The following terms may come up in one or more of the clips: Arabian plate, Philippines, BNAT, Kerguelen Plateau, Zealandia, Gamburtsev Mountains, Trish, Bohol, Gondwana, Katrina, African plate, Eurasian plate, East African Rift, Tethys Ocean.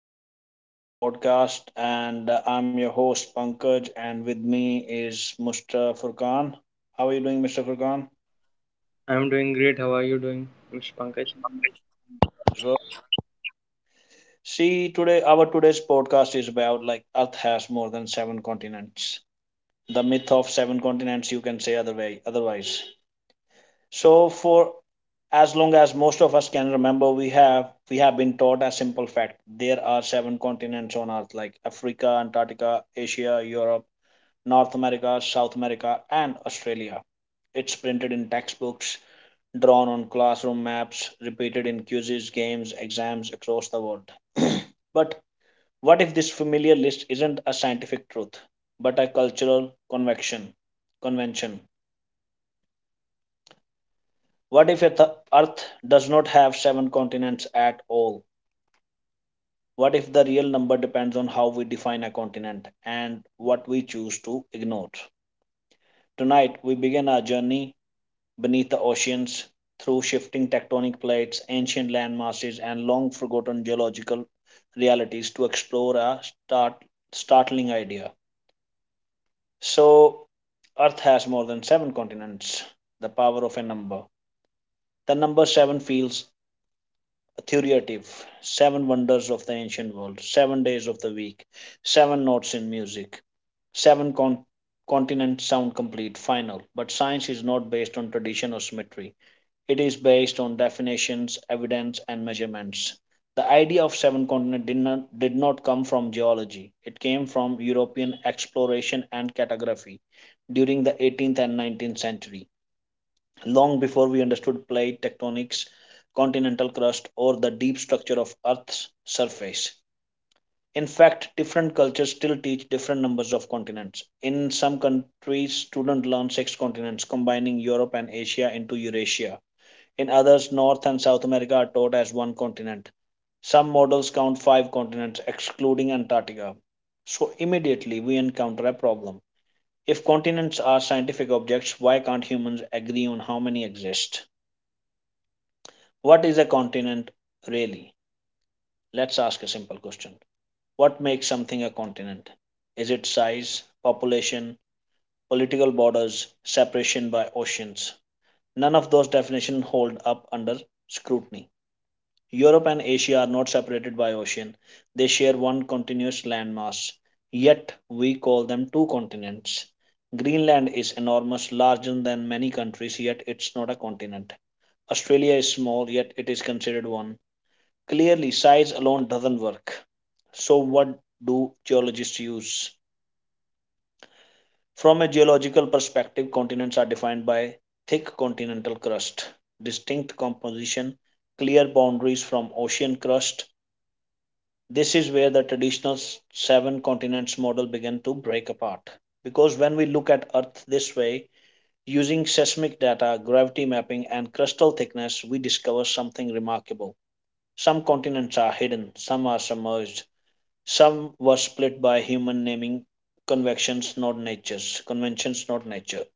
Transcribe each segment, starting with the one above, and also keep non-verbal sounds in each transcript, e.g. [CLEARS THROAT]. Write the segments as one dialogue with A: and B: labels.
A: guys, to our podcast. And I'm your host, Pankaj, and with me is Mr. Furkan. How are you doing, Mr. Furkan?
B: I'm doing great. How are you doing, Mr. Pankaj?
A: As well. See, today our today's podcast is about like Earth has more than seven continents. The myth of seven continents, you can say other way, otherwise. For as long as most of us can remember, we have been taught a simple fact: there are seven continents on earth, like Africa, Antarctica, Asia, Europe, North America, South America, and Australia. It's printed in textbooks, drawn on classroom maps, repeated in quizzes, games, exams across the world. [CLEARS THROAT] But what if this familiar list isn't a scientific truth, but a convention? What if the Earth does not have seven continents at all? What if the real number depends on how we define a continent and what we choose to ignore? Tonight, we begin our journey beneath the oceans, through shifting tectonic plates, ancient land masses, and long forgotten geological realities to explore a startling idea. So, Earth has more than seven continents, the power of a number. The number seven feels authoritative. Seven wonders of the ancient world, seven days of the week, seven notes in music, seven con- continents sound complete, final. But science is not based on tradition or symmetry. It is based on definitions, evidence, and measurements. The idea of seven continents did not come from geology. It came from European exploration and cartography during the 18th and 19th century, long before we understood plate tectonics, continental crust, or the deep structure of Earth's surface. In fact, different cultures still teach different numbers of continents. In some countries, students learn six continents, combining Europe and Asia into Eurasia. In others, North and South America are taught as one continent. Some models count five continents, excluding Antarctica. So immediately we encounter a problem. If continents are scientific objects, why can't humans agree on how many exist? What is a continent really? Let's ask a simple question. What makes something a continent? Is it size, population, political borders, separation by oceans? None of those definitions hold up under scrutiny. Europe and Asia are not separated by ocean. They share one continuous landmass. Yet we call them two continents. Greenland is enormous, larger than many countries, yet it's not a continent. Australia is small, yet it is considered one. Clearly, size alone doesn't work. So, what do geologists use? From a geological perspective, continents are defined by thick continental crust, distinct composition, clear boundaries from ocean crust. This is where the traditional seven continents model began to break apart. Because when we look at Earth this way, using seismic data, gravity mapping, and crustal thickness, we discover something remarkable. Some continents are hidden, some are submerged, some were split by human naming Conventions, not nature.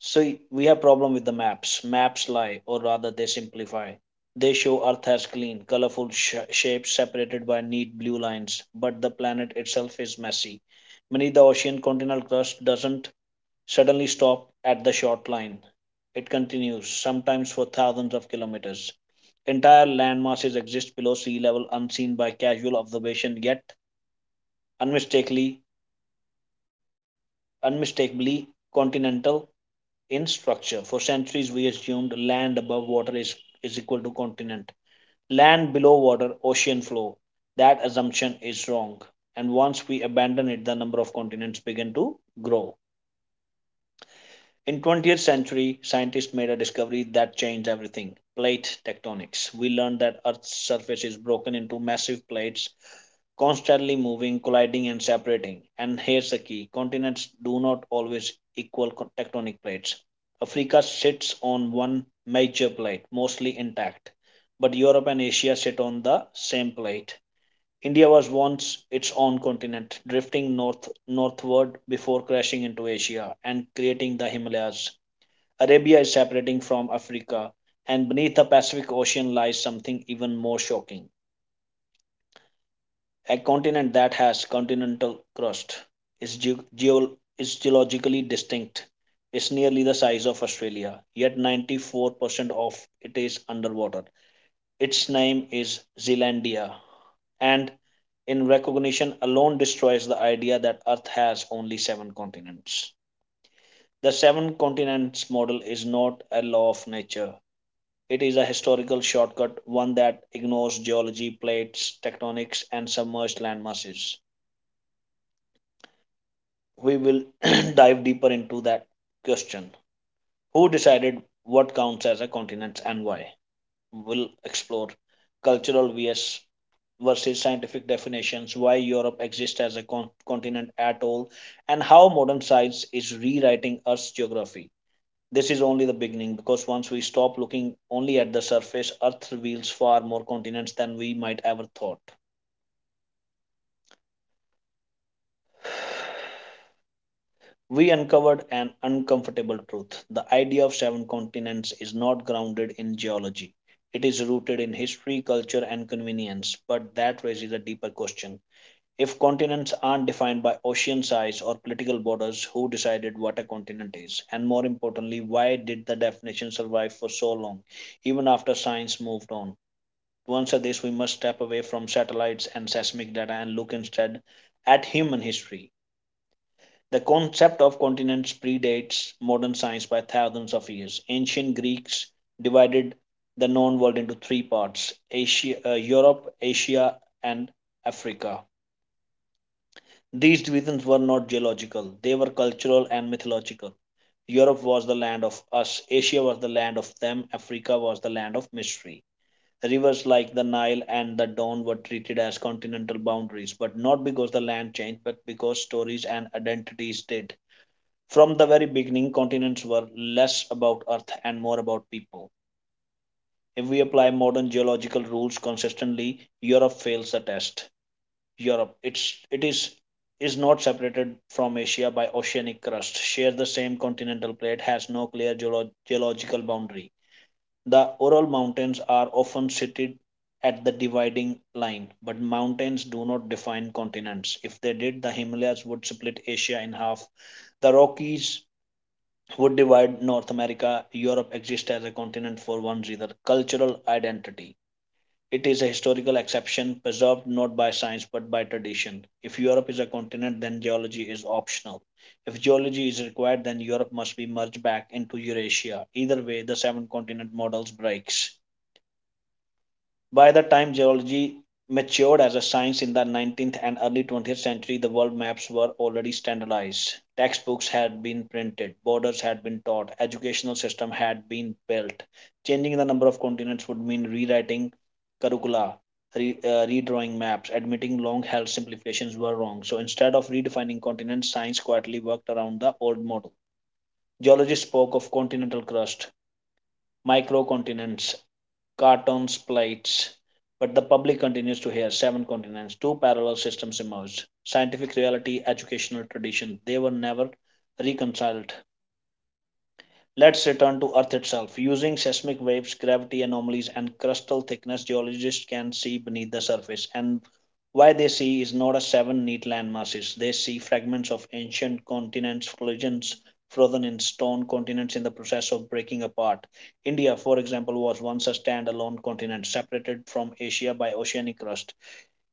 A: So we have problem with the maps. Maps lie, or rather they simplify. They show Earth as clean, colorful shapes separated by neat blue lines, but the planet itself is messy. Many the ocean continental crust doesn't suddenly stop at the short line. It continues, sometimes for thousands of kilometers. Entire landmasses exist below sea level unseen by casual observation, yet unmistakably, unmistakably continental in structure. For centuries, we assumed land above water is equal to continent, land below water, ocean floor. That assumption is wrong. And once we abandon it, the number of continents begin to grow. In 20th century, scientists made a discovery that changed everything, plate tectonics. We learned that Earth's surface is broken into massive plates constantly moving, colliding and separating. And here's the key, continents do not always equal tectonic plates. Africa sits on one major plate, mostly intact, but Europe and Asia sit on the same plate. India was once its own continent, drifting northward before crashing into Asia and creating the Himalayas. Arabia is separating from Africa, and beneath the Pacific Ocean lies something even more shocking. A continent that has continental crust is, ge- geo- is geologically distinct. It's nearly the size of Australia, yet 94% of it is underwater. Its name is Zealandia, and in recognition alone destroys the idea that Earth has only seven continents. The seven continents model is not a law of nature. It is a historical shortcut, one that ignores geology, plates, tectonics, and submerged landmasses. We will [CLEARS THROAT] dive deeper into that question. Who decided what counts as a continent and why? We'll explore cultural vs versus scientific definitions, why Europe exists as a continent at all, and how modern science is rewriting Earth's geography. This is only the beginning because once we stop looking only at the surface, Earth reveals far more continents than we might ever thought. We uncovered an uncomfortable truth. The idea of seven continents is not grounded in geology. It is rooted in history, culture, and convenience. But that raises a deeper question. If continents aren't defined by ocean size or political borders, who decided what a continent is? And more importantly, why did the definition survive for so long, even after science moved on? To answer this, we must step away from satellites and seismic data and look instead at human history. The concept of continents predates modern science by thousands of years. Ancient Greeks divided the known world into three parts: Europe, Asia, and Africa. These divisions were not geological, they were cultural and mythological. Europe was the land of us, Asia was the land of them, Africa was the land of mystery. Rivers like the Nile and the Don were treated as continental boundaries, but not because the land changed, but because stories and identities did. From the very beginning, continents were less about Earth and more about people. If we apply modern geological rules consistently, Europe fails the test. Europe, it's it is not separated from Asia by oceanic crust, shares the same continental plate, has no clear geological boundary. The Ural Mountains are often cited at the dividing line, but mountains do not define continents. If they did, the Himalayas would split Asia in half. The Rockies would divide North America. Europe exists as a continent for one reason: cultural identity. It is a historical exception preserved not by science but by tradition. If Europe is a continent, then geology is optional. If geology is required, then Europe must be merged back into Eurasia. Either way, the seven continent models breaks. By the time geology matured as a science in the 19th and early 20th century, the world maps were already standardized. Textbooks had been printed, borders had been taught, educational system had been built. Changing the number of continents would mean rewriting curricula, redrawing maps, admitting long-held simplifications were wrong. So instead of redefining continents, science quietly worked around the old model. Geologists spoke of continental crust, microcontinents, cartoon splites, but the public continues to hear seven continents, two parallel systems emerged. Scientific reality, educational tradition, they were never reconciled. Let's return to Earth itself. Using seismic waves, gravity anomalies, and crustal thickness, geologists can see beneath the surface. And why they see is not a seven neat landmasses. They see fragments of ancient continents, collisions frozen in stone, continents in the process of breaking apart. India, for example, was once a standalone continent, separated from Asia by oceanic crust.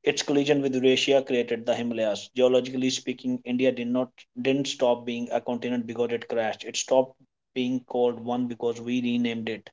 A: Its collision with Eurasia created the Himalayas. Geologically speaking, India didn't stop being a continent because it crashed. It stopped being called one because we renamed it.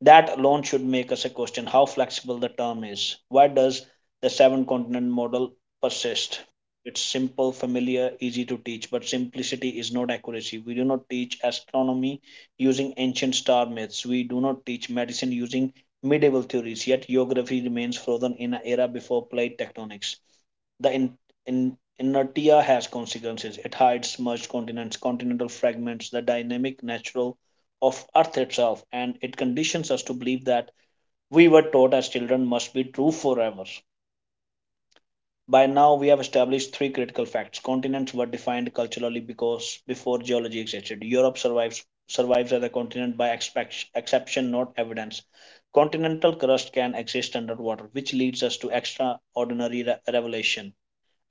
A: That alone should make us a question how flexible the term is. Why does the seven continent model persist? It's simple, familiar, easy to teach, but simplicity is not accuracy. We do not teach astronomy using ancient star myths. We do not teach medicine using medieval theories. Yet geography remains frozen in an era before plate tectonics. The inertia has consequences. It hides merged continents, continental fragments, the dynamic natural of Earth itself, and it conditions us to believe that we were taught as children must be true forever. By now, we have established three critical facts. Continents were defined culturally because before geology existed, Europe survives as a continent by exception, not evidence. Continental crust can exist underwater, which leads us to extraordinary revelation: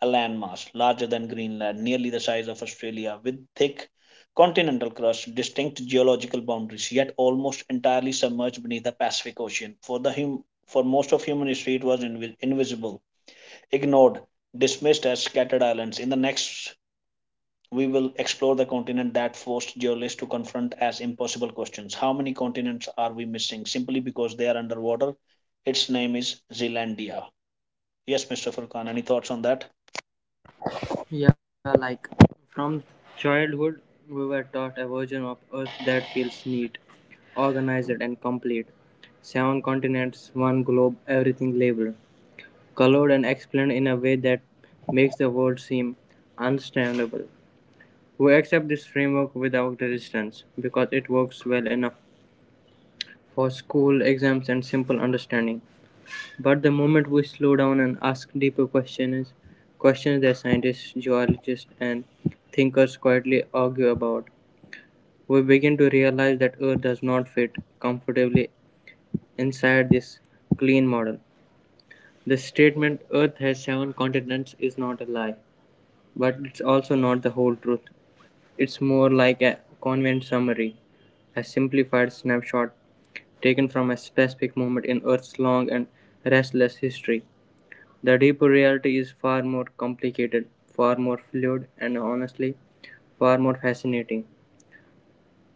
A: a landmass larger than Greenland, nearly the size of Australia, with thick continental crust, distinct geological boundaries, yet almost entirely submerged beneath the Pacific Ocean. For most of human history, it was invisible, ignored, dismissed as scattered islands. In the next, we will explore the continent that forced geologists to confront as impossible questions. How many continents are we missing simply because they are underwater? Its name is Zealandia. Yes, Mr. Furkan, any thoughts on that?
B: Yeah, like from childhood, we were taught a version of Earth that feels neat, organized, and complete. Seven continents, one globe, everything labeled, colored, and explained in a way that makes the world seem understandable. We accept this framework without resistance because it works well enough for school exams and simple understanding. But the moment we slow down and ask deeper questions, questions that scientists, geologists, and thinkers quietly argue about, we begin to realize that Earth does not fit comfortably inside this clean model. The statement Earth has seven continents is not a lie, but it's also not the whole truth. It's more like a convenient summary, a simplified snapshot taken from a specific moment in Earth's long and restless history. The deep reality is far more complicated, far more fluid, and honestly, far more fascinating.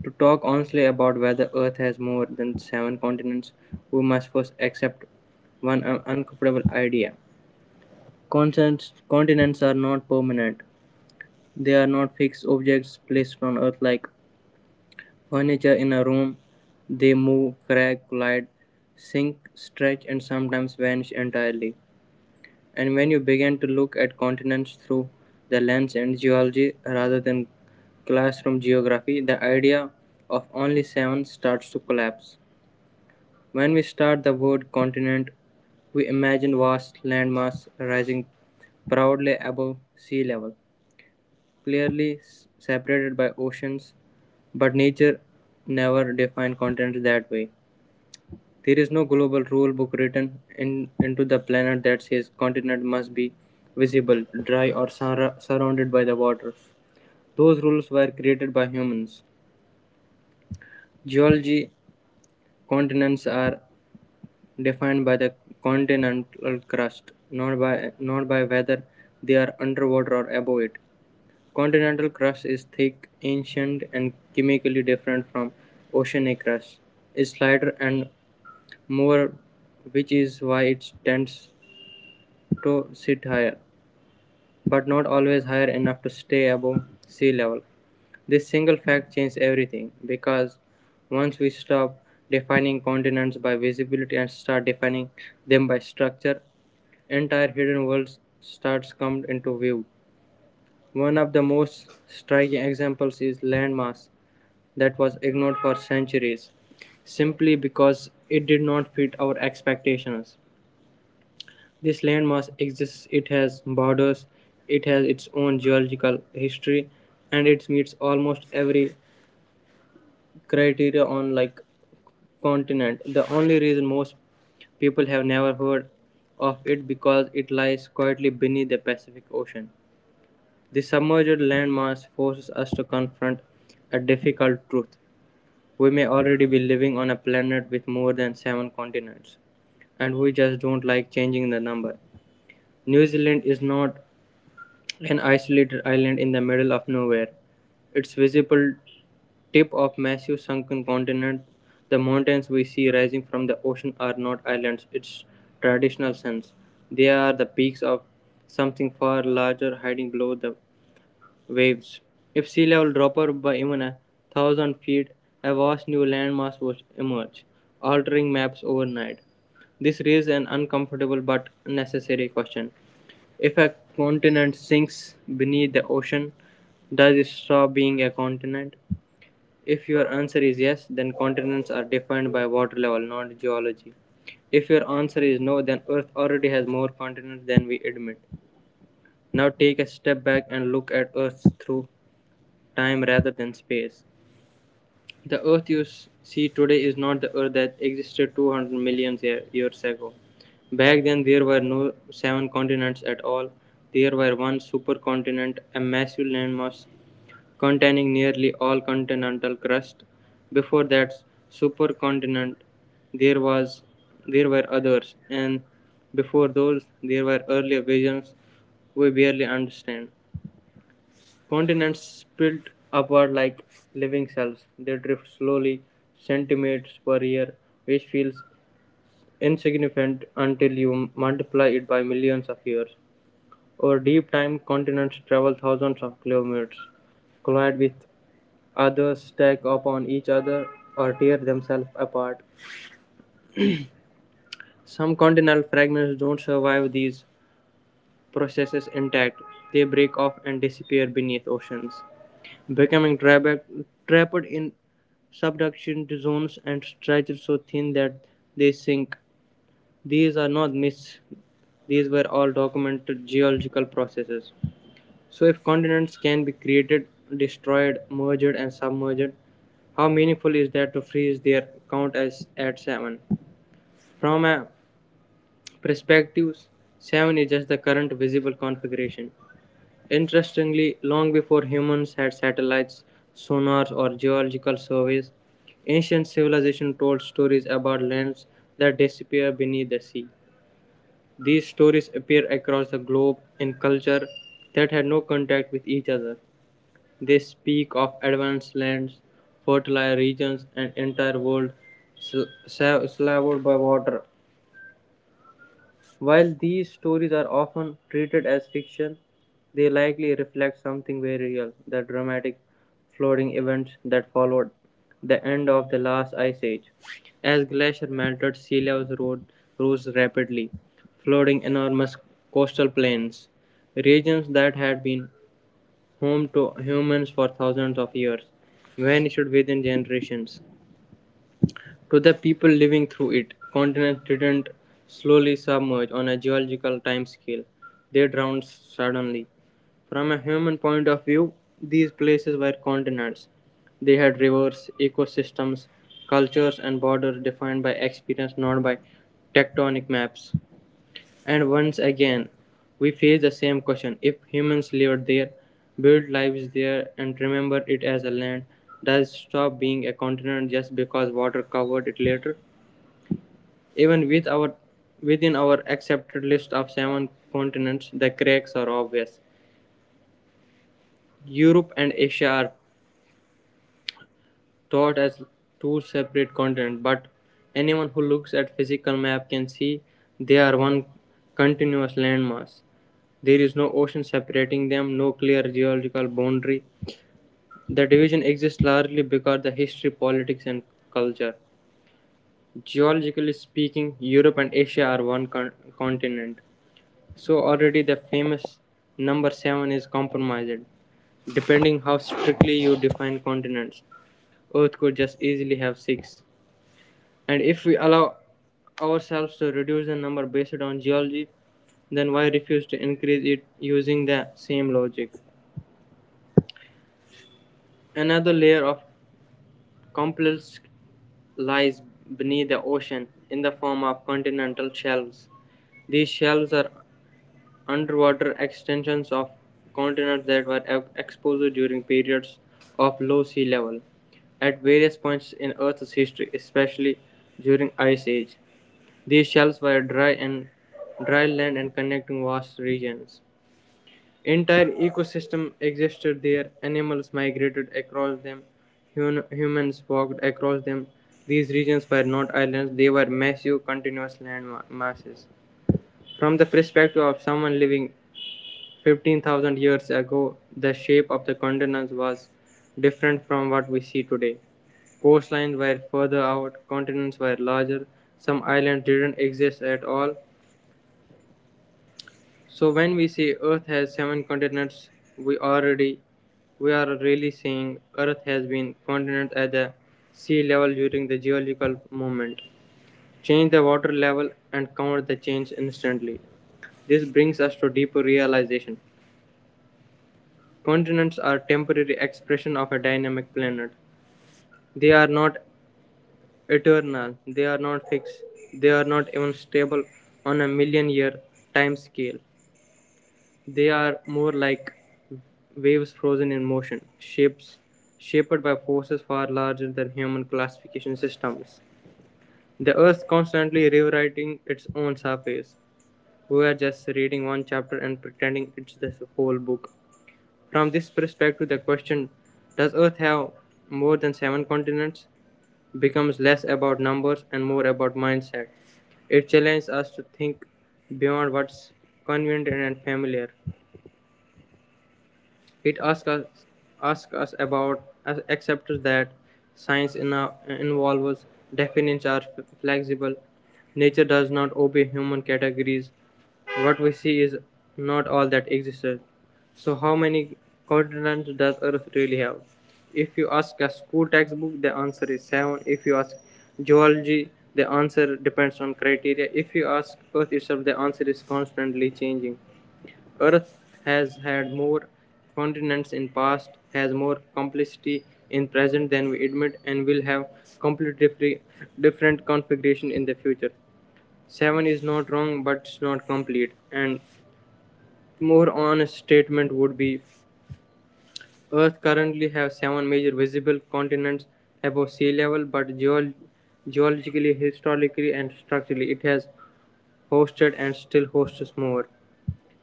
B: To talk honestly about whether Earth has more than seven continents, we must first accept one uncomfortable idea. Consents, continents are not permanent. They are not fixed objects placed on Earth like furniture in a room. They move, crack, glide, sink, stretch, and sometimes vanish entirely. And when you began to look at continents through the lens and geology rather than classroom geography, the idea of only seven starts to collapse. When we start the word continent, we imagine vast landmass rising proudly above sea level, clearly separated by oceans, but nature never defined continents that way. There is no global rule book written into the planet that says continent must be visible, dry, or surrounded by the water. Those rules were created by humans. Geology continents are defined by the continental crust, not by whether they are underwater or above it. Continental crust is thick, ancient, and chemically different from oceanic crust. It's lighter and more, which is why it tends to sit higher, but not always higher enough to stay above sea level. This single fact changed everything because once we stop defining continents by visibility and start defining them by structure, entire hidden worlds starts come into view. One of the most striking examples is landmass that was ignored for centuries simply because it did not fit our expectations. This landmass exists, it has borders, it has its own geological history, and it meets almost every criteria on like continent. The only reason most people have never heard of it because it lies quietly beneath the Pacific Ocean. The submerged landmass forces us to confront a difficult truth. We may already be living on a planet with more than seven continents, and we just don't like changing the number. New Zealand is not an isolated island in the middle of nowhere. Its visible tip of massive sunken continent, the mountains we see rising from the ocean are not islands its traditional sense. They are the peaks of something far larger hiding below the waves. If sea level dropped by even a thousand feet, a vast new landmass would emerge, altering maps overnight. This raises an uncomfortable but necessary question. If a continent sinks beneath the ocean, does it stop being a continent? If your answer is yes, then continents are defined by water level, not geology. If your answer is no, then Earth already has more continents than we admit. Now take a step back and look at Earth through time rather than space. The Earth you see today is not the Earth that existed 200 million years ago. Back then, there were no seven continents at all. There were one supercontinent, a massive landmass containing nearly all continental crust. Before that supercontinent, there was there were others, and before those, there were earlier visions we barely understand. Continents split apart like living cells. They drift slowly, centimeters per year, which feels insignificant until you multiply it by millions of years. Over deep time, continents travel thousands of kilometers, collide with others, stack upon each other, or tear themselves apart. Some continental fragments don't survive these processes intact, they break off and disappear beneath oceans, becoming trapped in subduction zones and stretched so thin that they sink. These are not myths, these were all documented geological processes. So, if continents can be created, destroyed, merged, and submerged, how meaningful is that to freeze their count as at seven? From a perspective, Seven is just the current visible configuration. Interestingly, long before humans had satellites, sonars, or geological surveys, ancient civilizations told stories about lands that disappear beneath the sea. These stories appear across the globe in cultures that had no contact with each other. They speak of advanced lands, fertile regions, and entire worlds slaved by water. While these stories are often treated as fiction, they likely reflect something very real, the dramatic flooding events that followed the end of the last ice age. As glacier melted, sea levels rose rapidly, flooding enormous coastal plains, regions that had been home to humans for thousands of years, vanished within generations. To the people living through it, continents didn't slowly submerge on a geological time scale; they drowned suddenly. From a human point of view, these places were continents. They had rivers, ecosystems, cultures, and borders defined by experience, not by tectonic maps. And once again, we face the same question, if humans lived there, built lives there, and remember it as a land, does it stop being a continent just because water covered it later? Even with our Within our accepted list of seven continents, the cracks are obvious. Europe and Asia are thought as two separate continents, but anyone who looks at physical map can see they are one continuous landmass. There is no ocean separating them, no clear geological boundary. The division exists largely because of history, politics, and culture. Geologically speaking, Europe and Asia are one continent. So already the famous number seven is compromised. Depending how strictly you define continents, Earth could just easily have six. And if we allow ourselves to reduce the number based on geology, then why refuse to increase it using the same logic? Another layer of complex lies beneath the ocean in the form of continental shelves. These shelves are underwater extensions of continents that were exposed during periods of low sea level. At various points in Earth's history, especially during Ice Age, these shelves were dry land and connecting vast regions. Entire ecosystem existed there. Animals migrated across them. Humans walked across them. These regions were not islands; they were massive, continuous land masses. From the perspective of someone living 15,000 ago, the shape of the continents was different from what we see today. Coastlines were further out, continents were larger, some islands didn't exist at all. So when we say Earth has seven continents, we already we are really saying Earth has been continent at the sea level during the geological moment. Change the water level and count the change instantly. This brings us to deeper realization. Continents are temporary expression of a dynamic planet. They are not eternal, they are not fixed, they are not even stable on a million year time scale. They are more like waves frozen in motion, shapes shaped by forces far larger than human classification systems. The earth constantly rewriting its own surface. We are just reading one chapter and pretending it's the whole book. From this perspective, the question, does Earth have more than seven continents, becomes less about numbers and more about mindset. It challenges us to think beyond what's convenient and familiar. It asks us, asks us about accepts that science involves definitions are flexible. Nature does not obey human categories. What we see is not all that existed. So, how many continents does Earth really have? If you ask a school textbook, the answer is seven. If you ask geology, the answer depends on criteria. If you ask Earth itself, the answer is constantly changing. Earth has had more continents in past, has more complexity in present than we admit, and will have completely different, configuration in the future. Seven is not wrong, but it's not complete. And more honest statement would be: Earth currently has seven major visible continents above sea level, but geologically, historically, and structurally, it has hosted and still hosts more.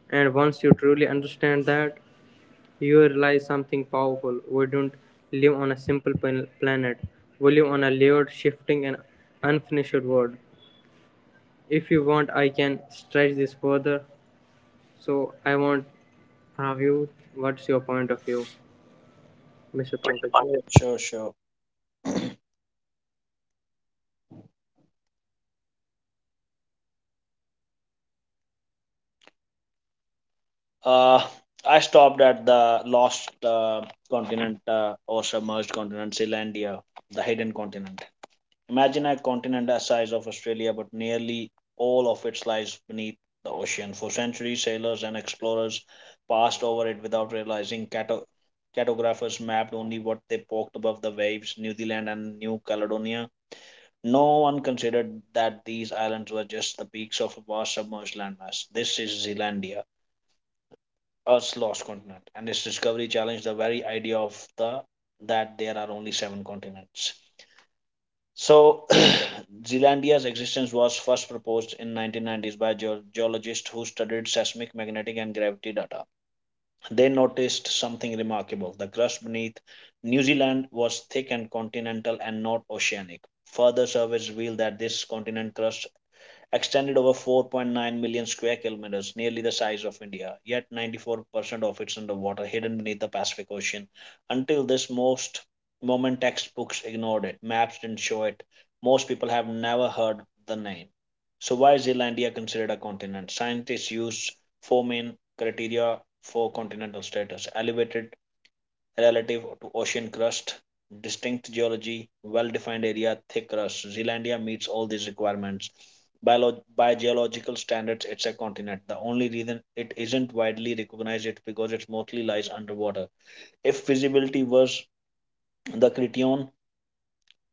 B: And once you truly understand that, you realize something powerful: we don't live on a simple planet, we live on a layered, shifting, and unfinished world. If you want, I can stretch this further. So, I want from you, what's your point of view, Mr.
A: Mr.
B: Pankaj?
A: Pandey. Sure, sure. Uh, I stopped at the lost continent or submerged continent, Zealandia, the hidden continent. Imagine a continent the size of Australia, but nearly all of it lies beneath the ocean. For centuries, sailors and explorers passed over it without realizing. Cartographers mapped only what they poked above the waves, New Zealand and New Caledonia. No one considered that these islands were just the peaks of a vast submerged landmass. This is Zealandia, Earth's lost continent, and its discovery challenged the very idea of the that there are only seven continents. So, [CLEARS THROAT] Zealandia's existence was first proposed in 1990s by geologists who studied seismic, magnetic, and gravity data. They noticed something remarkable: the crust beneath New Zealand was thick and continental and not oceanic. Further surveys revealed that this continent crust extended over 4.9 million square kilometers, nearly the size of India, yet 94% of it's underwater, hidden beneath the Pacific Ocean. Until this most moment, textbooks ignored it, maps didn't show it, most people have never heard the name. So, why is Zealandia considered a continent? Scientists use four main criteria for continental status: elevated relative to ocean crust, distinct geology, well-defined area, thick crust. Zealandia meets all these requirements. By geological standards, it's a continent. The only reason it isn't widely recognized is because it mostly lies underwater. If feasibility was the criterion,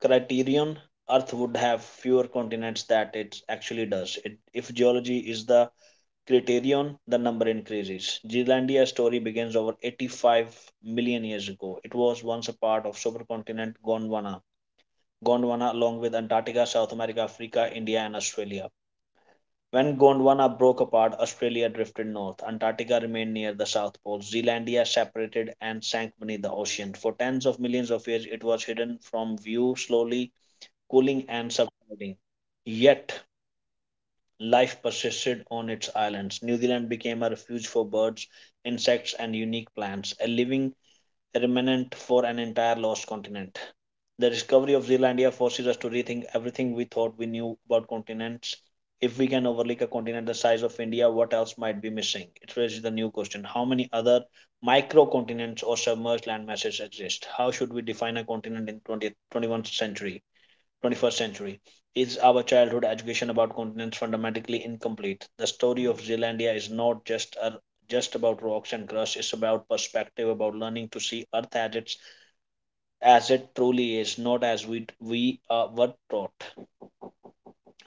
A: criterion, Earth would have fewer continents that it actually does. If geology is the criterion, the number increases. Zealandia's story begins over 85 million years ago. It was once a part of supercontinent Gondwana. Gondwana, along with Antarctica, South America, Africa, India, and Australia. When Gondwana broke apart, Australia drifted north. Antarctica remained near the South Pole. Zealandia separated and sank beneath the ocean. For tens of millions of years, it was hidden from view, slowly cooling and subsiding. Yet, life persisted on its islands. New Zealand became a refuge for birds, insects, and unique plants, a living remnant for an entire lost continent. The discovery of Zealandia forces us to rethink everything we thought we knew about continents. If we can overlook a continent the size of India, what else might be missing? It raises the new question: how many other microcontinents or submerged landmasses exist? How should we define a continent in 20th, 21st century? Is our childhood education about continents fundamentally incomplete? The story of Zealandia is not just about rocks and crust, it's about perspective, about learning to see Earth as it truly is, not as we were taught.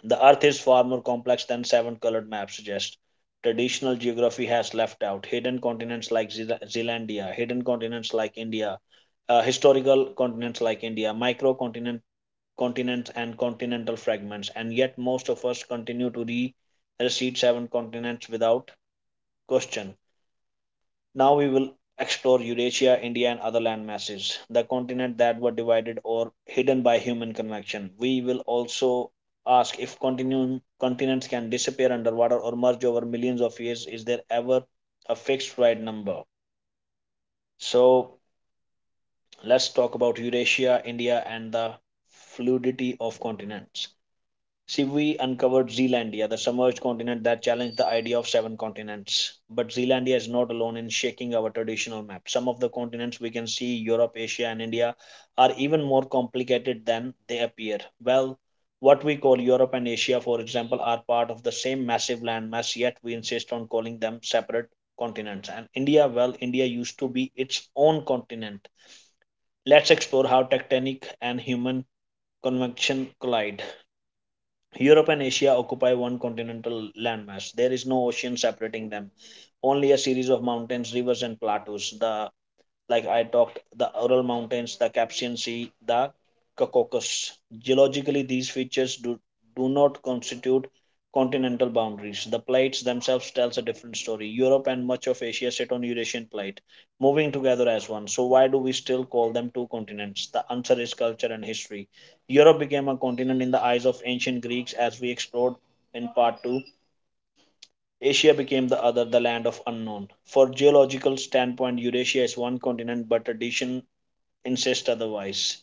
A: The Earth is far more complex than seven colored maps suggest. Traditional geography has left out hidden continents like Zealandia, hidden continents like India, historical continents like India, microcontinent continents and continental fragments, and yet most of us continue to recede seven continents without question. Now we will explore Eurasia, India, and other land masses, the continent that were divided or hidden by human convection. We will also ask if continuum continents can disappear underwater or merge over millions of years. Is there ever a fixed right number? So let's talk about Eurasia, India, and the fluidity of continents. Shivvi uncovered Zealandia, the submerged continent that challenged the idea of seven continents. But Zealandia is not alone in shaking our traditional map. Some of the continents we can see, Europe, Asia, and India, are even more complicated than they appear. Well, what we call Europe and Asia, for example, are part of the same massive landmass, yet we insist on calling them separate continents. And India, well, India used to be its own continent. Let's explore how tectonic and human convection collide. Europe and Asia occupy one continental landmass. There is no ocean separating them, only a series of mountains, rivers, and plateaus. The Like I talked, the Ural Mountains, the Caspian Sea, the Caucasus. Geologically, these features do not constitute continental boundaries. The plates themselves tells a different story. Europe and much of Asia sit on Eurasian plate, moving together as one. So why do we still call them two continents? The answer is culture and history. Europe became a continent in the eyes of ancient Greeks as we explored in part 2. Asia became the other, the land of unknown. For geological standpoint, Eurasia is one continent, but tradition insist otherwise.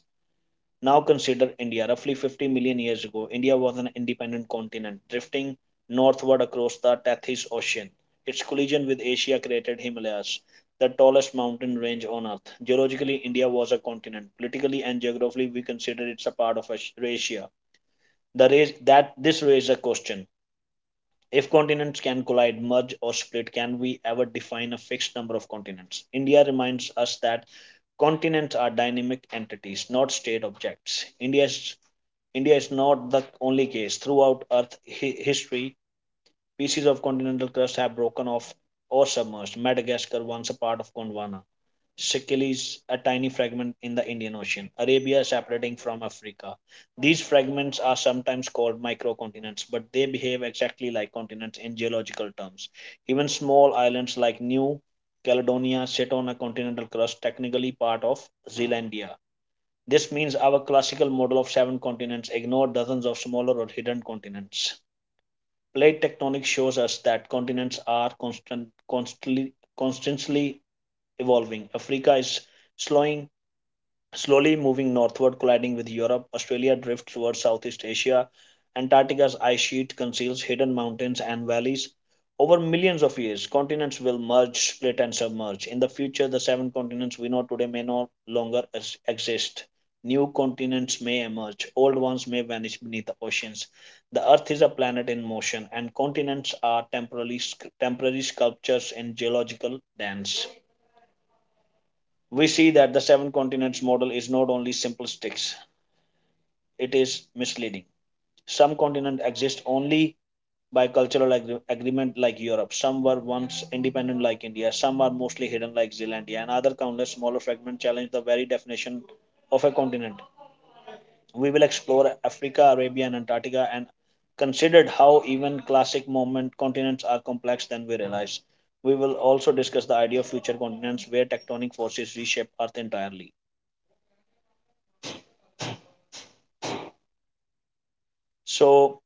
A: Now consider India. Roughly 50 million years ago, India was an independent continent drifting northward across the Tethys Ocean. Its collision with Asia created Himalayas, the tallest mountain range on earth. Geologically, India was a continent. Politically and geographically, we consider it's a part of Asia. The raise, that this raises a question: if continents can collide, merge, or split, can we ever define a fixed number of continents? India reminds us that continents are dynamic entities, not state objects. India is not the only case. Throughout Earth history, pieces of continental crust have broken off or submerged. Madagascar, once a part of Gondwana, Shekel is a tiny fragment in the Indian Ocean, Arabia separating from Africa. These fragments are sometimes called microcontinents, but they behave exactly like continents in geological terms. Even small islands like New Caledonia sit on a continental crust, technically part of Zealandia. This means our classical model of seven continents ignored dozens of smaller or hidden continents. Plate tectonics shows us that continents are constantly evolving. Africa is slowing slowly moving northward, colliding with Europe. Australia drifts towards Southeast Asia. Antarctica's ice sheet conceals hidden mountains and valleys. Over millions of years, continents will merge, split, and submerge. In the future, the seven continents we know today may no longer exist. New continents may emerge, old ones may vanish beneath the oceans. The Earth is a planet in motion, and continents are temporary sculptures in geological dance. We see that the seven continents model is not only simple sticks, it is misleading. Some continents exist only by cultural agreement like Europe. Some were once independent like India. Some are mostly hidden like Zealandia. And other countless smaller fragments challenge the very definition of a continent. We will explore Africa, Arabia, and Antarctica and considered how even classic moment continents are complex than we realize. We will also discuss the idea of future continents where tectonic forces reshape Earth entirely. So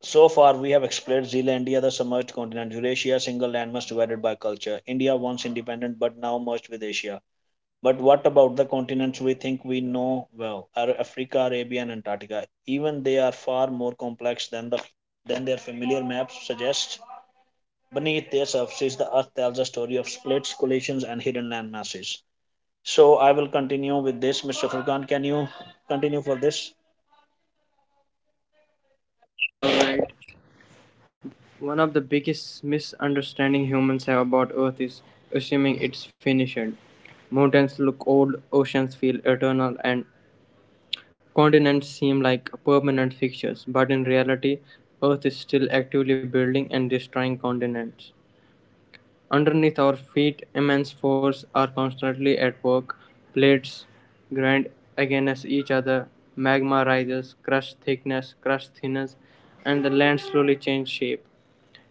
A: So far, we have explored Zealandia, the submerged continent, Eurasia, single landmass divided by culture, India once independent but now merged with Asia. But what about the continents we think we know well? Africa, Arabia, and Antarctica. Even they are far more complex than their familiar maps suggest. Beneath their surfaces, the Earth tells a story of splits, collisions, and hidden landmasses. So I will continue with this, Mr. Furkan. Can you continue for this?
B: Alright. One of the biggest misunderstanding humans have about Earth is assuming it's finished. Mountains look old, oceans feel eternal, and continents seem like permanent fixtures, but in reality, Earth is still actively building and destroying continents. Underneath our feet, immense forces are constantly at work. Plates grind against each other, magma rises, crust thickness, crust thinners, and the land slowly changes shape.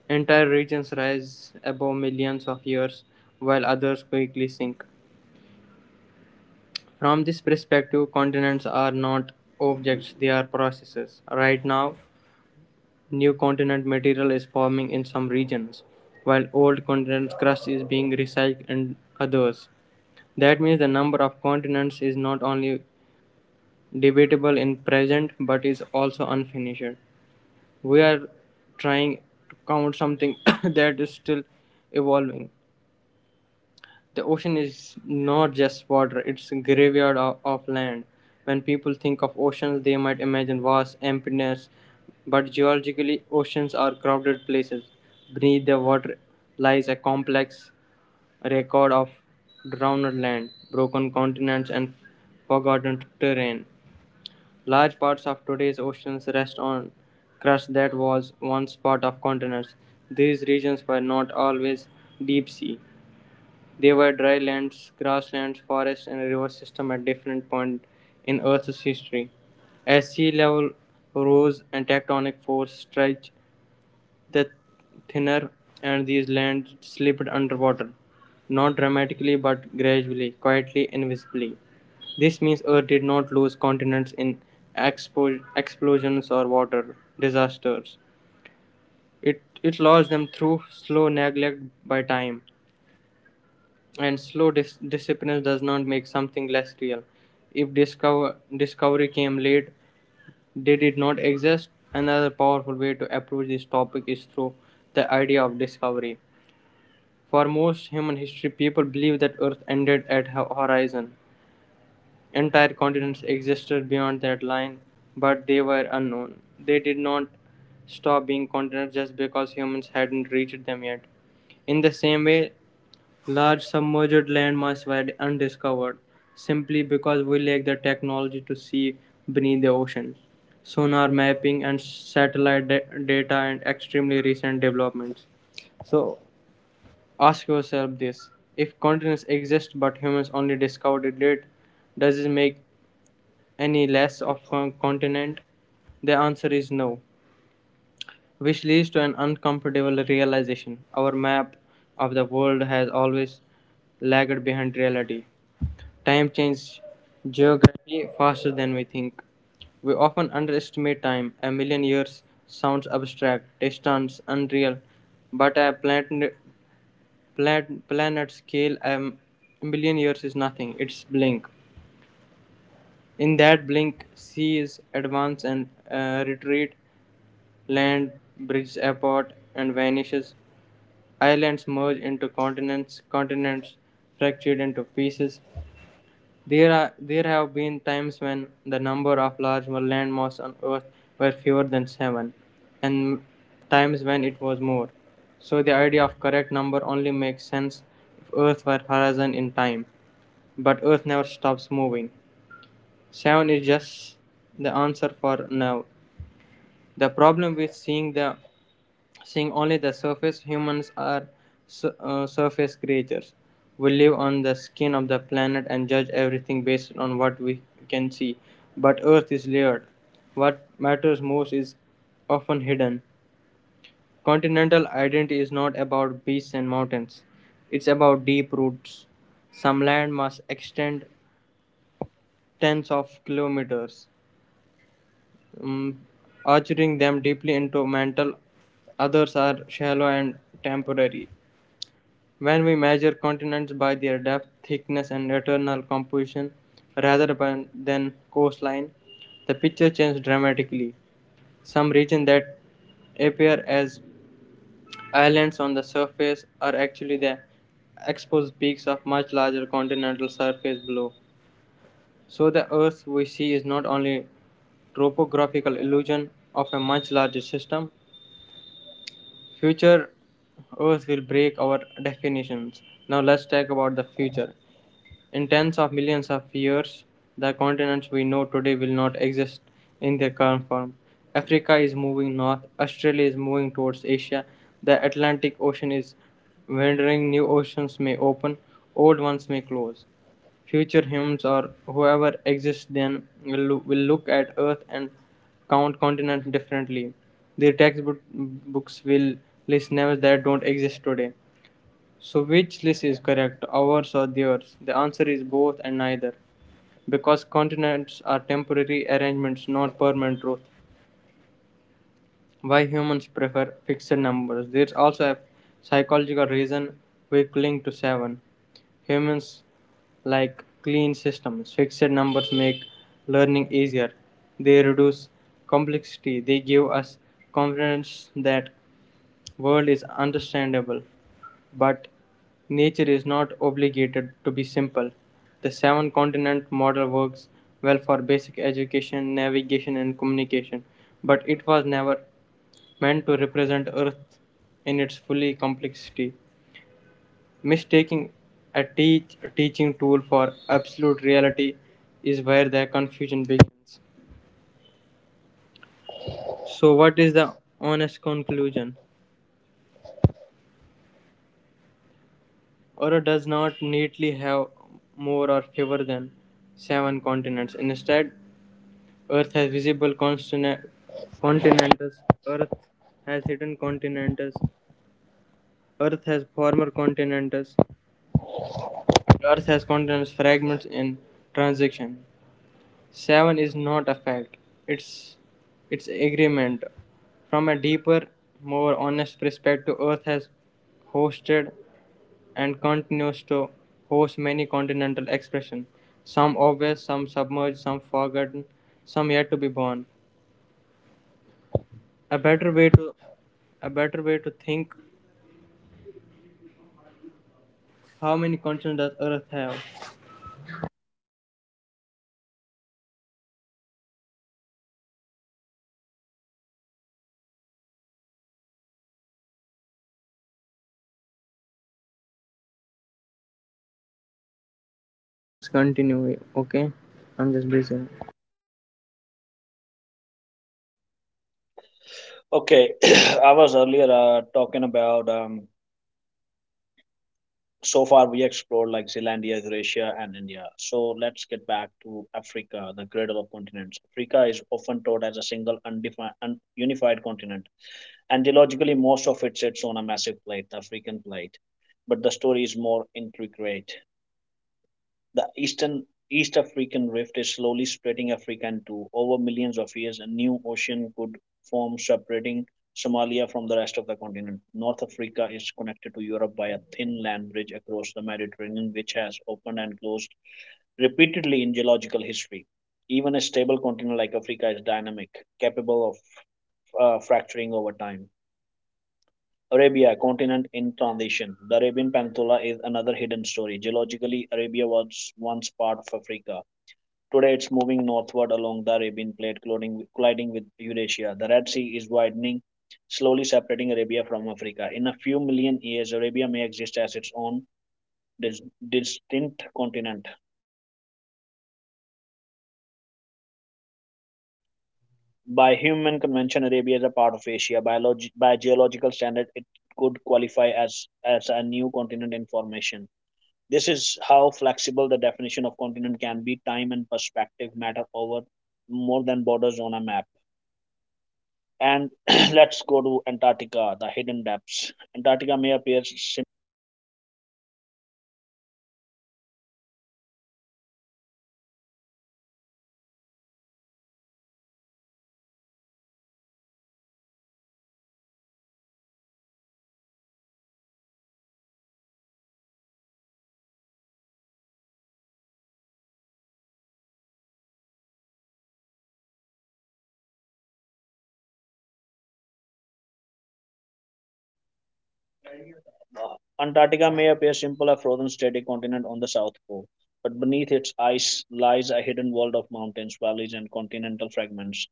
B: Entire regions rise above millions of years, while others quickly sink. From this perspective, continents are not objects, they are processes. Right now, new continent material is forming in some regions, while old continent crust is being recycled in others. That means the number of continents is not only debatable in present but is also unfinished. We are trying to count something [COUGHS] that is still evolving. The ocean is not just water, it's a graveyard of land. When people think of oceans, they might imagine vast emptiness, but geologically, oceans are crowded places. Beneath the water lies a complex record of drowned land, broken continents, and forgotten terrain. Large parts of today's oceans rest on crust that was once part of continents. These regions were not always deep sea. There were dry lands, grasslands, forests and a river system at different points in Earth's history. As sea level rose and tectonic forces stretched the thinner and these lands slipped underwater, not dramatically but gradually, quietly, invisibly. This means Earth did not lose continents in explosions or water disasters. It lost them through slow neglect by time. And slow discipline does not make something less real. If discovery came late, they did not exist. Another powerful way to approach this topic is through the idea of discovery. For most human history, people believe that Earth ended at horizon. Entire continents existed beyond that line, but they were unknown. They did not stop being continents just because humans hadn't reached them yet. In the same way, large submerged landmass were undiscovered, simply because we lack the technology to see beneath the ocean, sonar mapping and satellite data and extremely recent developments. So ask yourself this, if continents exist but humans only discovered it late, does it make any less of a continent? The answer is no, which leads to an uncomfortable realization. Our map of the world has always lagged behind reality. Time changes geographically faster than we think. We often underestimate time. A million years sounds abstract, distance, unreal, but a planet scale, a million years is nothing. It's blink. In that blink, seas advance and retreat, land bridges apart and vanishes, islands merge into continents fractured into pieces. There have been times when the number of large landmass on Earth were fewer than seven, and times when it was more. So the idea of correct number only makes sense if Earth were horizon in time, but Earth never stops moving. Seven is just the answer for now. The problem with seeing only the surface, humans are surface creatures. We live on the skin of the planet and judge everything based on what we can see. But Earth is layered. What matters most is often hidden. Continental identity is not about beaches and mountains, it's about deep roots. Some land must extend tens of kilometers, um, arching them deeply into mantle. Others are shallow and temporary. When we measure continents by their depth, thickness, and internal composition rather than coastline, the picture changes dramatically. Some regions that appear as islands on the surface are actually the exposed peaks of much larger continental surface below. So the Earth we see is not only a topographical illusion of a much larger system. Future Earth will break our definitions. Now let's talk about the future. In tens of millions of years, the continents we know today will not exist in their current form. Africa is moving north, Australia is moving towards Asia, the Atlantic Ocean is wandering, new oceans may open, old ones may close. Future humans or whoever exists then will look at Earth and count continents differently. Their textbooks will list names that don't exist today. So which list is correct, ours or theirs? The answer is both and neither, because continents are temporary arrangements, not permanent truth. Why humans prefer fixed numbers? There's also a psychological reason we cling to seven. Humans like clean systems. Fixed numbers make learning easier. They reduce complexity. They give us confidence that world is understandable. But nature is not obligated to be simple. The seven continent model works well for basic education, navigation, and communication, but it was never meant to represent Earth in its fully complexity. Mistaking a teaching tool for absolute reality is where the confusion begins. So, what is the honest conclusion? Earth does not neatly have more or fewer than seven continents. Instead, Earth has visible continents, Earth has hidden continents, Earth has former continents, Earth has continents fragments in transition. Seven is not a fact, it's its agreement. From a deeper, more honest perspective, Earth has hosted and continues to host many continental expressions, some obvious, some submerged, some forgotten, some yet to be born. A better way to a better way to think how many continents does Earth have? You must continue, okay? I'm just busy.
A: Okay, [CLEARS THROAT] I was earlier talking about, so far we explored like Zealandia, Eurasia, and India. So let's get back to Africa, the cradle of continents. Africa is often taught as a single undefined, unified continent, and geologically, most of it sits on a massive plate, the African plate. But the story is more intricate. The East African rift is slowly spreading Africa into. Over millions of years, a new ocean could form, separating Somalia from the rest of the continent. North Africa is connected to Europe by a thin land bridge across the Mediterranean, which has opened and closed repeatedly in geological history. Even a stable continent like Africa is dynamic, capable of fracturing over time. Arabia, a continent in transition. The Arabian Peninsula is another hidden story. Geologically, Arabia was once part of Africa. Today it's moving northward along the Arabian plate, colliding with Eurasia. The Red Sea is widening, slowly separating Arabia from Africa. In a few million years, Arabia may exist as its own dis- distinct continent. By human convention, Arabia is a part of Asia. By geological standard, it could qualify as a new continent in formation. This is how flexible the definition of continent can be. Time and perspective matter over more than borders on a map. And [CLEARS THROAT] let's go to Antarctica, the hidden depths. Antarctica may appear simple, a frozen static continent on the South Pole, but beneath its ice lies a hidden world of mountains, valleys, and continental fragments.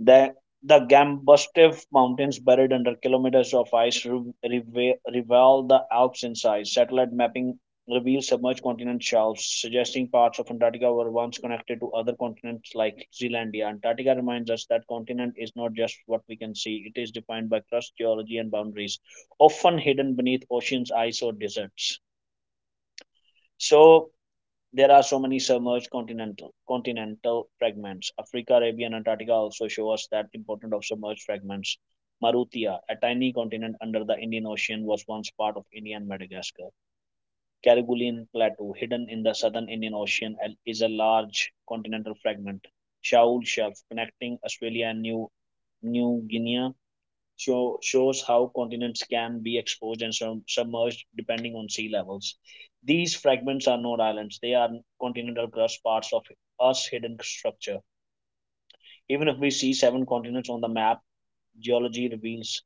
A: The, the Gambustev Mountains, buried under kilometers of ice, reveal the Alps in size. Satellite mapping reveals submerged continent shelves, suggesting parts of Antarctica were once connected to other continents like Zealandia. Antarctica reminds us that continent is not just what we can see, it is defined by crust, geology, and boundaries, often hidden beneath oceans, ice, or deserts. So, there are so many submerged continental fragments. Africa, Arabia, and Antarctica also show us that importance of submerged fragments. Marutia, a tiny continent under the Indian Ocean, was once part of India and Madagascar. Kerguelen Plateau, hidden in the southern Indian Ocean, is a large continental fragment. Shaul Shelf, connecting Australia and New Guinea, shows how continents can be exposed and submerged depending on sea levels. These fragments are not islands, they are continental crust parts of Earth's hidden structure. Even if we see seven continents on the map, geology reveals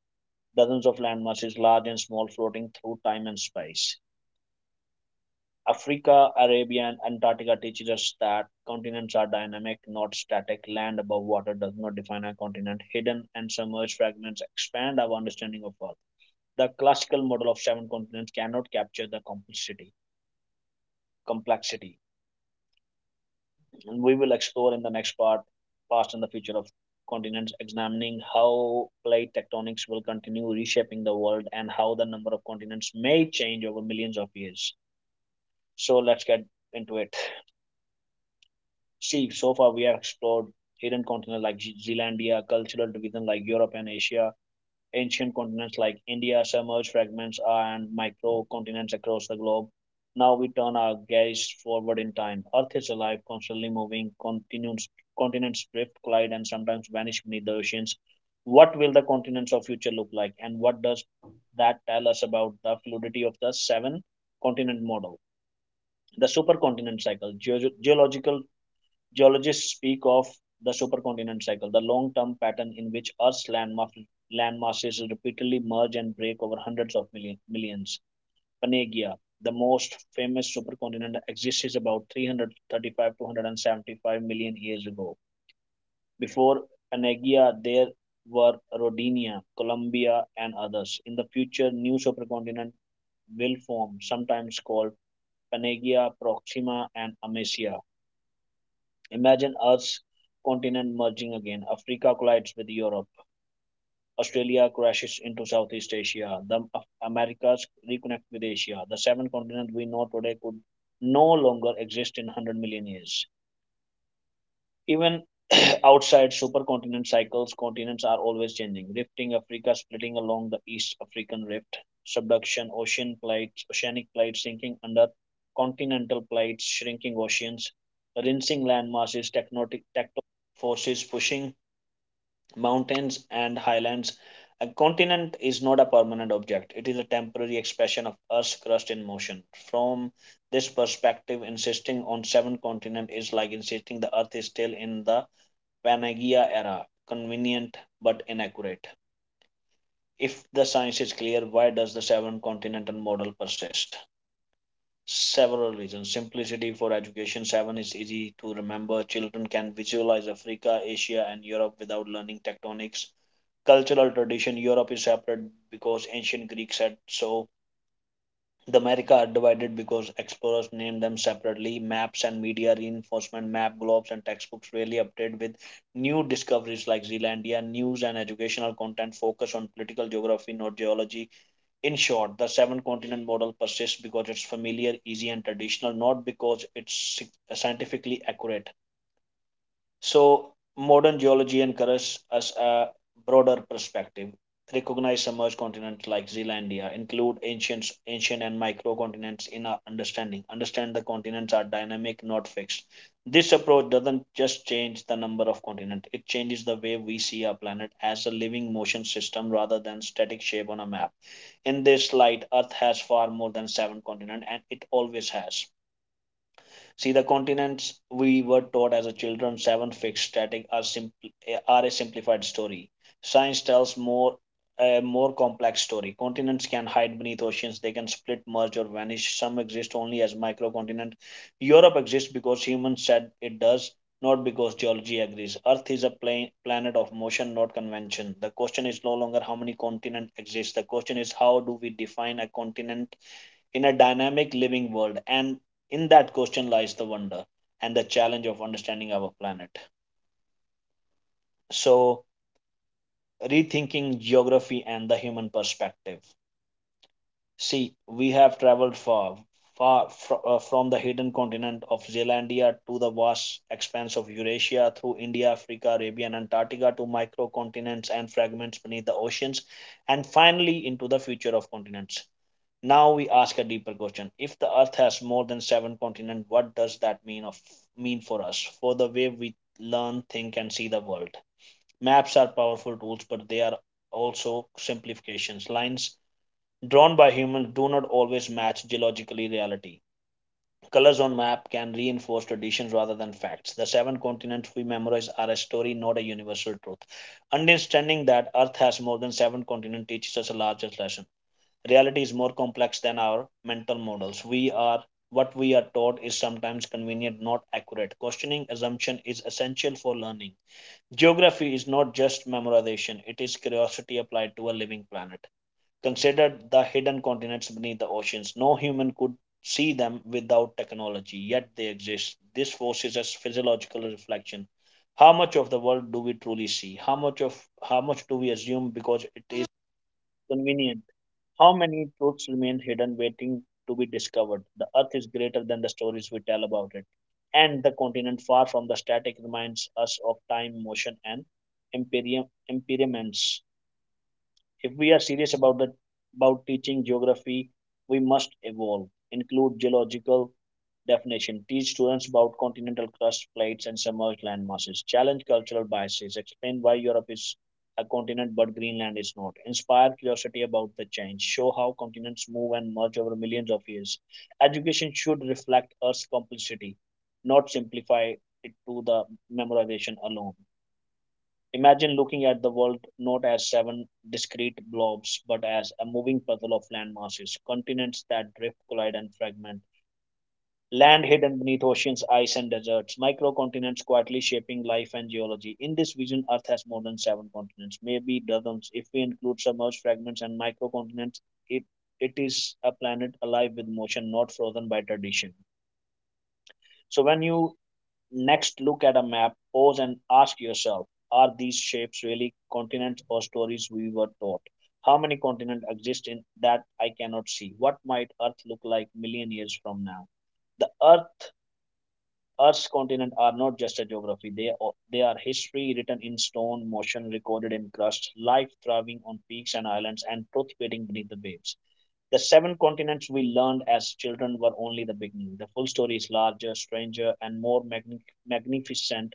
A: dozens of landmasses, large and small, floating through time and space. Africa, Arabia, and Antarctica teaches us that continents are dynamic, not static. Land above water does not define a continent. Hidden and submerged fragments expand our understanding of Earth. The classical model of seven continents cannot capture the complexity, and we will explore in the next part past and the future of continents, examining how plate tectonics will continue reshaping the world and how the number of continents may change over millions of years. So let's get into it. See, so far we have explored hidden continents like Zealandia, cultural division like Europe and Asia, ancient continents like India, submerged fragments, and microcontinents across the globe. Now we turn our gaze forward in time. Earth is alive, constantly moving, continents drift, collide, and sometimes vanish beneath the oceans. What will the continents of future look like, and what does that tell us about the fluidity of the seven continent model? The supercontinent cycle, geo- geological Geologists speak of the supercontinent cycle, the long-term pattern in which Earth's landmasses repeatedly merge and break over hundreds of millions. Pangea, the most famous supercontinent, exists about 335 to 175 million years ago. Before Pangea, there were Rodinia, Columbia, and others. In the future, new supercontinent will form, sometimes called Pangea, Proxima, and Amasia. Imagine Earth's continent merging again. Africa collides with Europe. Australia crashes into Southeast Asia. The Americas reconnect with Asia. The seven continents we know today could no longer exist in 100 million years. Even [CLEARS THROAT] outside supercontinent cycles, continents are always changing. Rifting Africa, splitting along the East African Rift, subduction, oceanic plates sinking under continental plates, shrinking oceans, rinsing land masses, tectonic forces pushing mountains and highlands. A continent is not a permanent object. It is a temporary expression of Earth's crust in motion. From this perspective, insisting on seven continents is like insisting the Earth is still in the Panagia era, convenient but inaccurate. If the science is clear, why does the seven continental model persist? Several reasons. Simplicity for education. Seven is easy to remember. Children can visualize Africa, Asia, and Europe without learning tectonics. Cultural tradition. Europe is separate because ancient Greeks said so. The America are divided because explorers named them separately. Maps and media, reinforcement map, globes, and textbooks really updated with new discoveries like Zealandia. News and educational content focus on political geography, not geology. In short, the seven continent model persists because it's familiar, easy, and traditional, not because it's scientifically accurate. So modern geology encourages us a broader perspective. Recognize submerged continents like Zealandia, include ancient and microcontinents in our understanding. Understand the continents are dynamic, not fixed. This approach doesn't just change the number of continents; it changes the way we see our planet as a living motion system rather than static shape on a map. In this light, Earth has far more than seven continents, and it always has. See, the continents we were taught as a children, seven fixed static, are a simplified story. Science tells more a more complex story. Continents can hide beneath oceans; they can split, merge, or vanish. Some exist only as microcontinent. Europe exists because humans said it does, not because geology agrees. Earth is a planet of motion, not convention. The question is no longer how many continents exist. The question is how do we define a continent in a dynamic living world. And in that question lies the wonder and the challenge of understanding our planet. So, rethinking geography and the human perspective. See, we have traveled far, from the hidden continent of Zealandia to the vast expanse of Eurasia, through India, Africa, Arabia, and Antarctica to microcontinents and fragments beneath the oceans, and finally into the future of continents. Now we ask a deeper question. If the earth has more than seven continents, what does that mean of mean for us? For the way we learn, think and see the world. Maps are powerful tools, but they are also simplifications. Lines drawn by humans do not always match geologically reality. Colors on map can reinforce traditions rather than facts. The seven continents we memorize are a story, not a universal truth. Understanding that Earth has more than seven continents teaches us a larger lesson. Reality is more complex than our mental models. We are what we are taught is sometimes convenient, not accurate. Questioning assumption is essential for learning. Geography is not just memorization, it is curiosity applied to a living planet. Consider the hidden continents beneath the oceans. No human could see them without technology, yet they exist. This forces us physiological reflection. How much of the world do we truly see? How much do we assume because it is convenient? How many truths remain hidden, waiting to be discovered? The earth is greater than the stories we tell about it. And the continent, far from the static, reminds us of time, motion, and impediments. If we are serious about teaching geography, we must evolve, include geological definition, teach students about continental crust plates and submerged land masses, challenge cultural biases, explain why Europe is a continent but Greenland is not, inspire curiosity about the change, show how continents move and merge over millions of years. Education should reflect Earth's complexity, not simplify it to the memorization alone. Imagine looking at the world not as seven discrete blobs but as a moving puzzle of land masses, continents that drift, collide, and fragment, land hidden beneath oceans, ice, and deserts, microcontinents quietly shaping life and geology. In this vision, Earth has more than seven continents, maybe dozens. If we include submerged fragments and microcontinents, it, it is a planet alive with motion, not frozen by tradition. So, when you next look at a map, pause and ask yourself, are these shapes really continents or stories we were taught? How many continents exist in that I cannot see? What might Earth look like million years from now? The Earth Earth's continents are not just a geography; they are history written in stone, motion recorded in crust, life thriving on peaks and islands, and truth waiting beneath the waves. The seven continents we learned as children were only the beginning. The full story is larger, stranger, and magnificent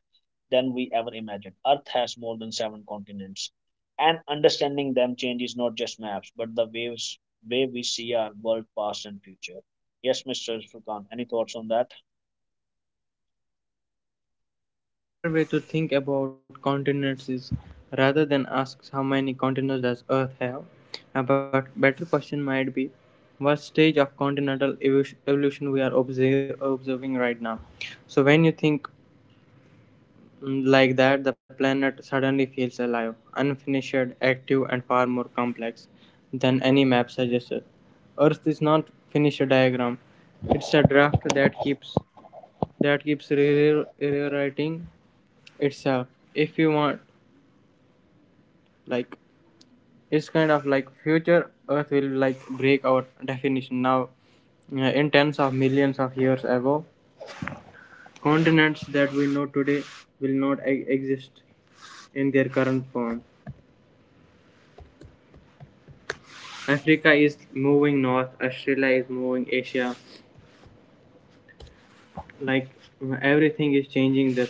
A: than we ever imagined. Earth has more than seven continents, and understanding them changes not just maps, but the waves way we see our world, past and future. Yes, Mr. Furkan, any thoughts on that?
B: Yeah, like a better way to think about continents is rather than asks how many continents does Earth have, a better question might be what stage of continental evolution we are observing right now. So when you think like that, the planet suddenly feels alive, unfinished, active, and far more complex than any map suggested. Earth is not finished diagram; it's a draft that keeps rewriting itself. If you want, like, it's kind of like future Earth will like break our definition now in tens of millions of years ago. Continents that we know today will not exist in their current form. Africa is moving north, Australia is moving Asia. Like everything is changing the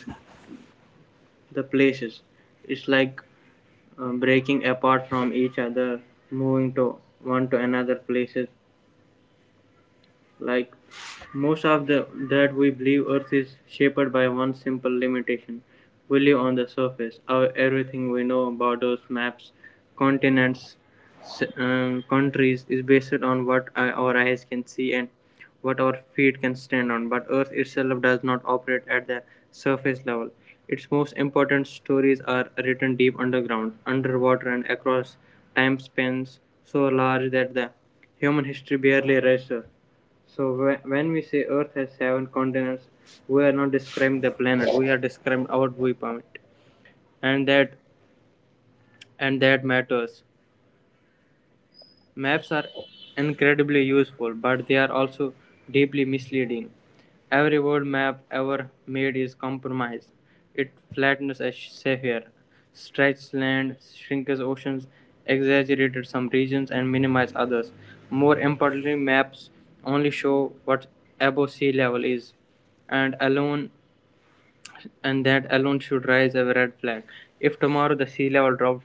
B: the places. It's like breaking apart from each other, moving to one to another places. Like most of the that we believe Earth is shaped by one simple limitation. We live on the surface. Our everything we know borders, maps, continents, countries is based on what our eyes can see and what our feet can stand on. But Earth itself does not operate at the surface level. Its most important stories are written deep underground, underwater, and across time spans so large that the human history barely register. So when we say Earth has seven continents, we are not describing the planet. We are describing our viewpoint, and that and that matters. Maps are incredibly useful, but they are also deeply misleading. Every world map ever made is compromised. It flattens a sphere, stretches land, shrinks oceans, exaggerates some regions, and minimizes others. More importantly, maps only show what above sea level is, and alone and that alone should raise a red flag. If tomorrow the sea level dropped,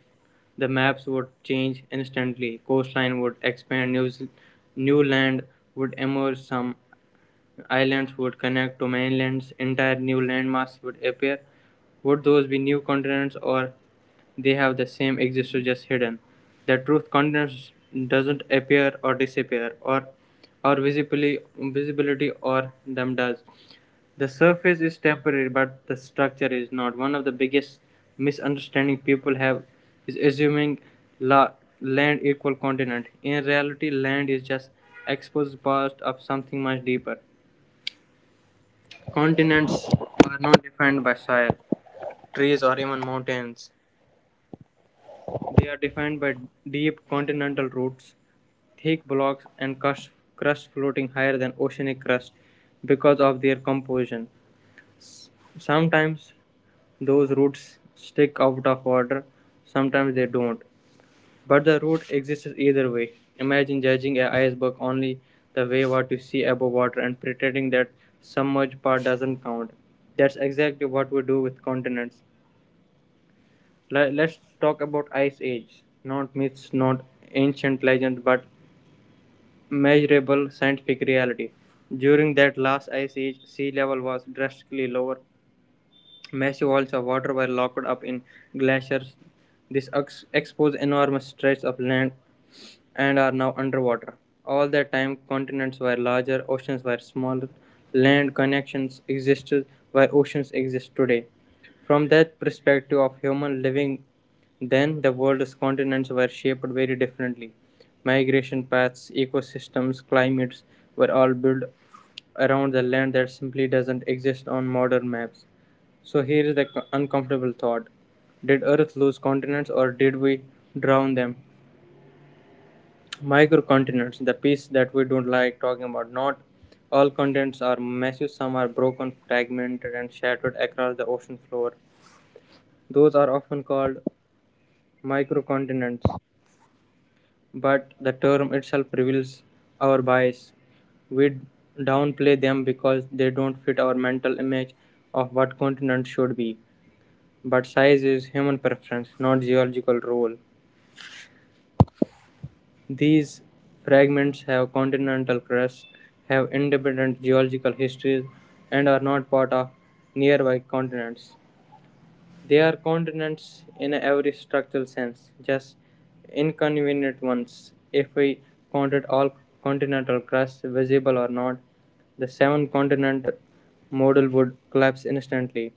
B: the maps would change instantly, coastline would expand, new land would emerge, some islands would connect to mainlands, entire new landmass would appear. Would those be new continents or they have the same existence just hidden? The truth continents doesn't appear or disappear or visibly visibility or them does. The surface is temporary but the structure is not. One of the biggest misunderstandings people have is assuming la- land equal continent. In reality, land is just exposed part of something much deeper. Continents are not defined by soil, trees, or even mountains. They are defined by deep continental roots, thick blocks, and crust floating higher than oceanic crust because of their composition. Sometimes those roots stick out of water, sometimes they don't. But the root exists either way. Imagine judging an iceberg only the way what you see above water and pretending that submerged part doesn't count. That's exactly what we do with continents. Let's talk about ice age. Not myths, not ancient legends, but measurable scientific reality. During that last ice age, sea level was drastically lower. Massive walls of water were locked up in glaciers. This exposed enormous stretches of land and are now underwater. All that time, continents were larger, oceans were smaller, land connections existed where oceans exist today. From that perspective of human living, then the world's continents were shaped very differently. Migration paths, ecosystems, climates were all built around the land that simply doesn't exist on modern maps. So here is the uncomfortable thought. Did Earth lose continents or did we drown them? Microcontinents, the piece that we don't like talking about. Not all continents are massive, some are broken, fragmented, and shattered across the ocean floor. Those are often called microcontinents, but the term itself reveals our bias. We downplay them because they don't fit our mental image of what continents should be. But size is human preference, not geological role. These fragments have continental crests, have independent geological histories, and are not part of nearby continents. They are continents in every structural sense, just inconvenient ones. If we counted all continental crusts, visible or not, the seven continent model would collapse instantly.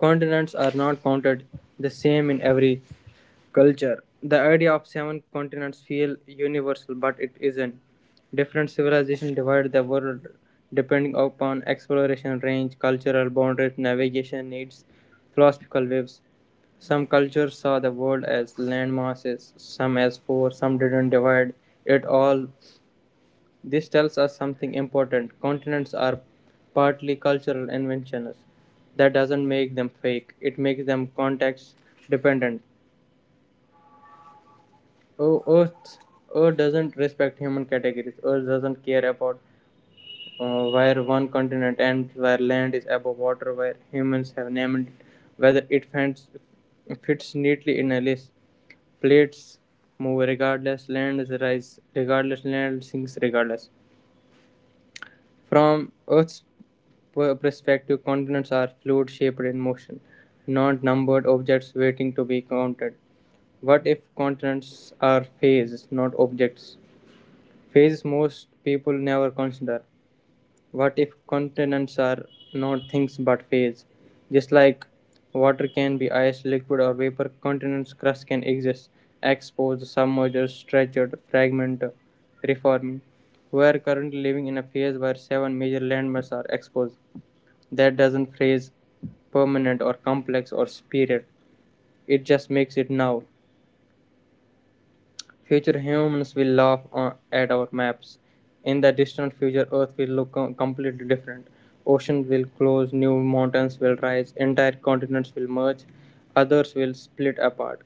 B: Continents are not counted the same in every culture. The idea of seven continents feels universal, but it isn't. Different civilizations divide the world depending upon exploration range, cultural boundaries, navigation needs, philosophical waves. Some cultures saw the world as landmasses, some as four, some didn't divide it all. This tells us something important. Continents are partly cultural inventions. That doesn't make them fake, it makes them context dependent. Oh, Earth doesn't respect human categories. Earth doesn't care about where one continent ends, where land is above water, where humans have named it, whether it fits neatly in a list. Plates move regardless, lands rise regardless, land sinks regardless. From Earth's perspective, continents are fluid, shaped in motion, not numbered objects waiting to be counted. What if continents are phases, not objects? Phase most people never consider. What if continents are not things but phase? Just like water can be ice, liquid, or vapor, continents' crust can exist, exposed, submerged, stretched, fragmented, reforming. We are currently living in a phase where seven major landmasses are exposed. That doesn't phrase permanent or complex or spirit, it just makes it now. Future humans will laugh at our maps. In the distant future, Earth will look completely different. Oceans will close, new mountains will rise, entire continents will merge, others will split apart.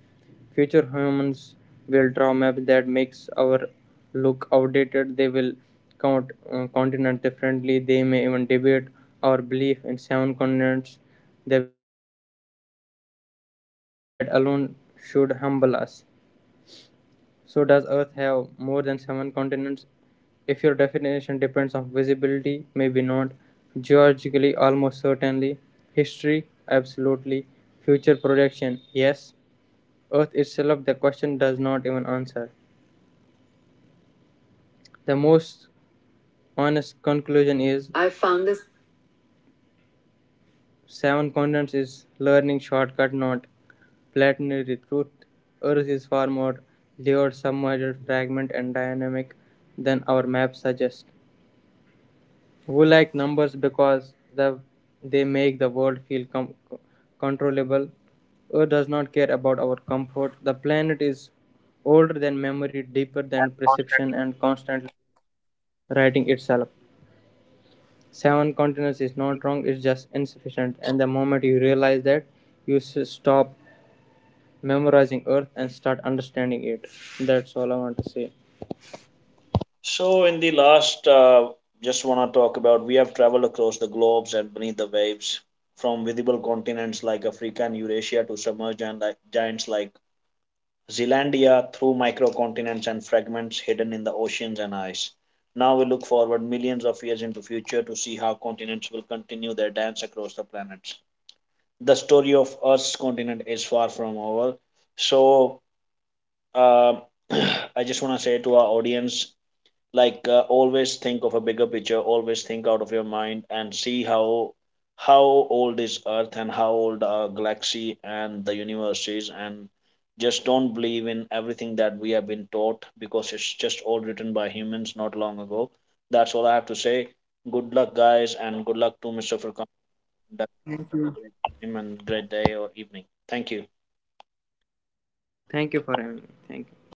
B: Future humans will draw maps that makes our look outdated. They will count continent differently. They may even debate our belief in seven continents the way we debate ancient models today. That alone should humble us. So, does Earth have more than seven continents? If your definition depends on visibility, maybe not. Geologically, almost certainly. History, absolutely. Future projection, yes. Earth itself, the question does not even answer. The most honest conclusion is I found this. Seven continents is learning shortcut, not platinary truth. Earth is far more layered, submerged, fragment, and dynamic than our map suggests. Who like numbers because they make the world feel controllable? Earth does not care about our comfort. The planet is older than memory, deeper than perception, and constantly writing itself. Seven continents is not wrong, it's just insufficient. And the moment you realize that, you stop memorizing Earth and start understanding it. That's all I want to say.
A: So, in the last, just want to talk about we have traveled across the globes and beneath the waves, from visible continents like Africa and Eurasia to submerged and like giants like Zealandia, through microcontinents and fragments hidden in the oceans and ice. Now we look forward millions of years into future to see how continents will continue their dance across the planets. The story of Earth's continent is far from over. So, uh, [CLEARS THROAT] I just want to say to our audience, like always think of a bigger picture, always think out of your mind and see how old is earth and how old our galaxy and the universe is, and just don't believe in everything that we have been taught because it's just all written by humans not long ago. That's all I have to say. Good luck guys and good luck to Mr. Furkan. That's a great time and great day or evening, thank you.
B: Thank you for having me. Thank you.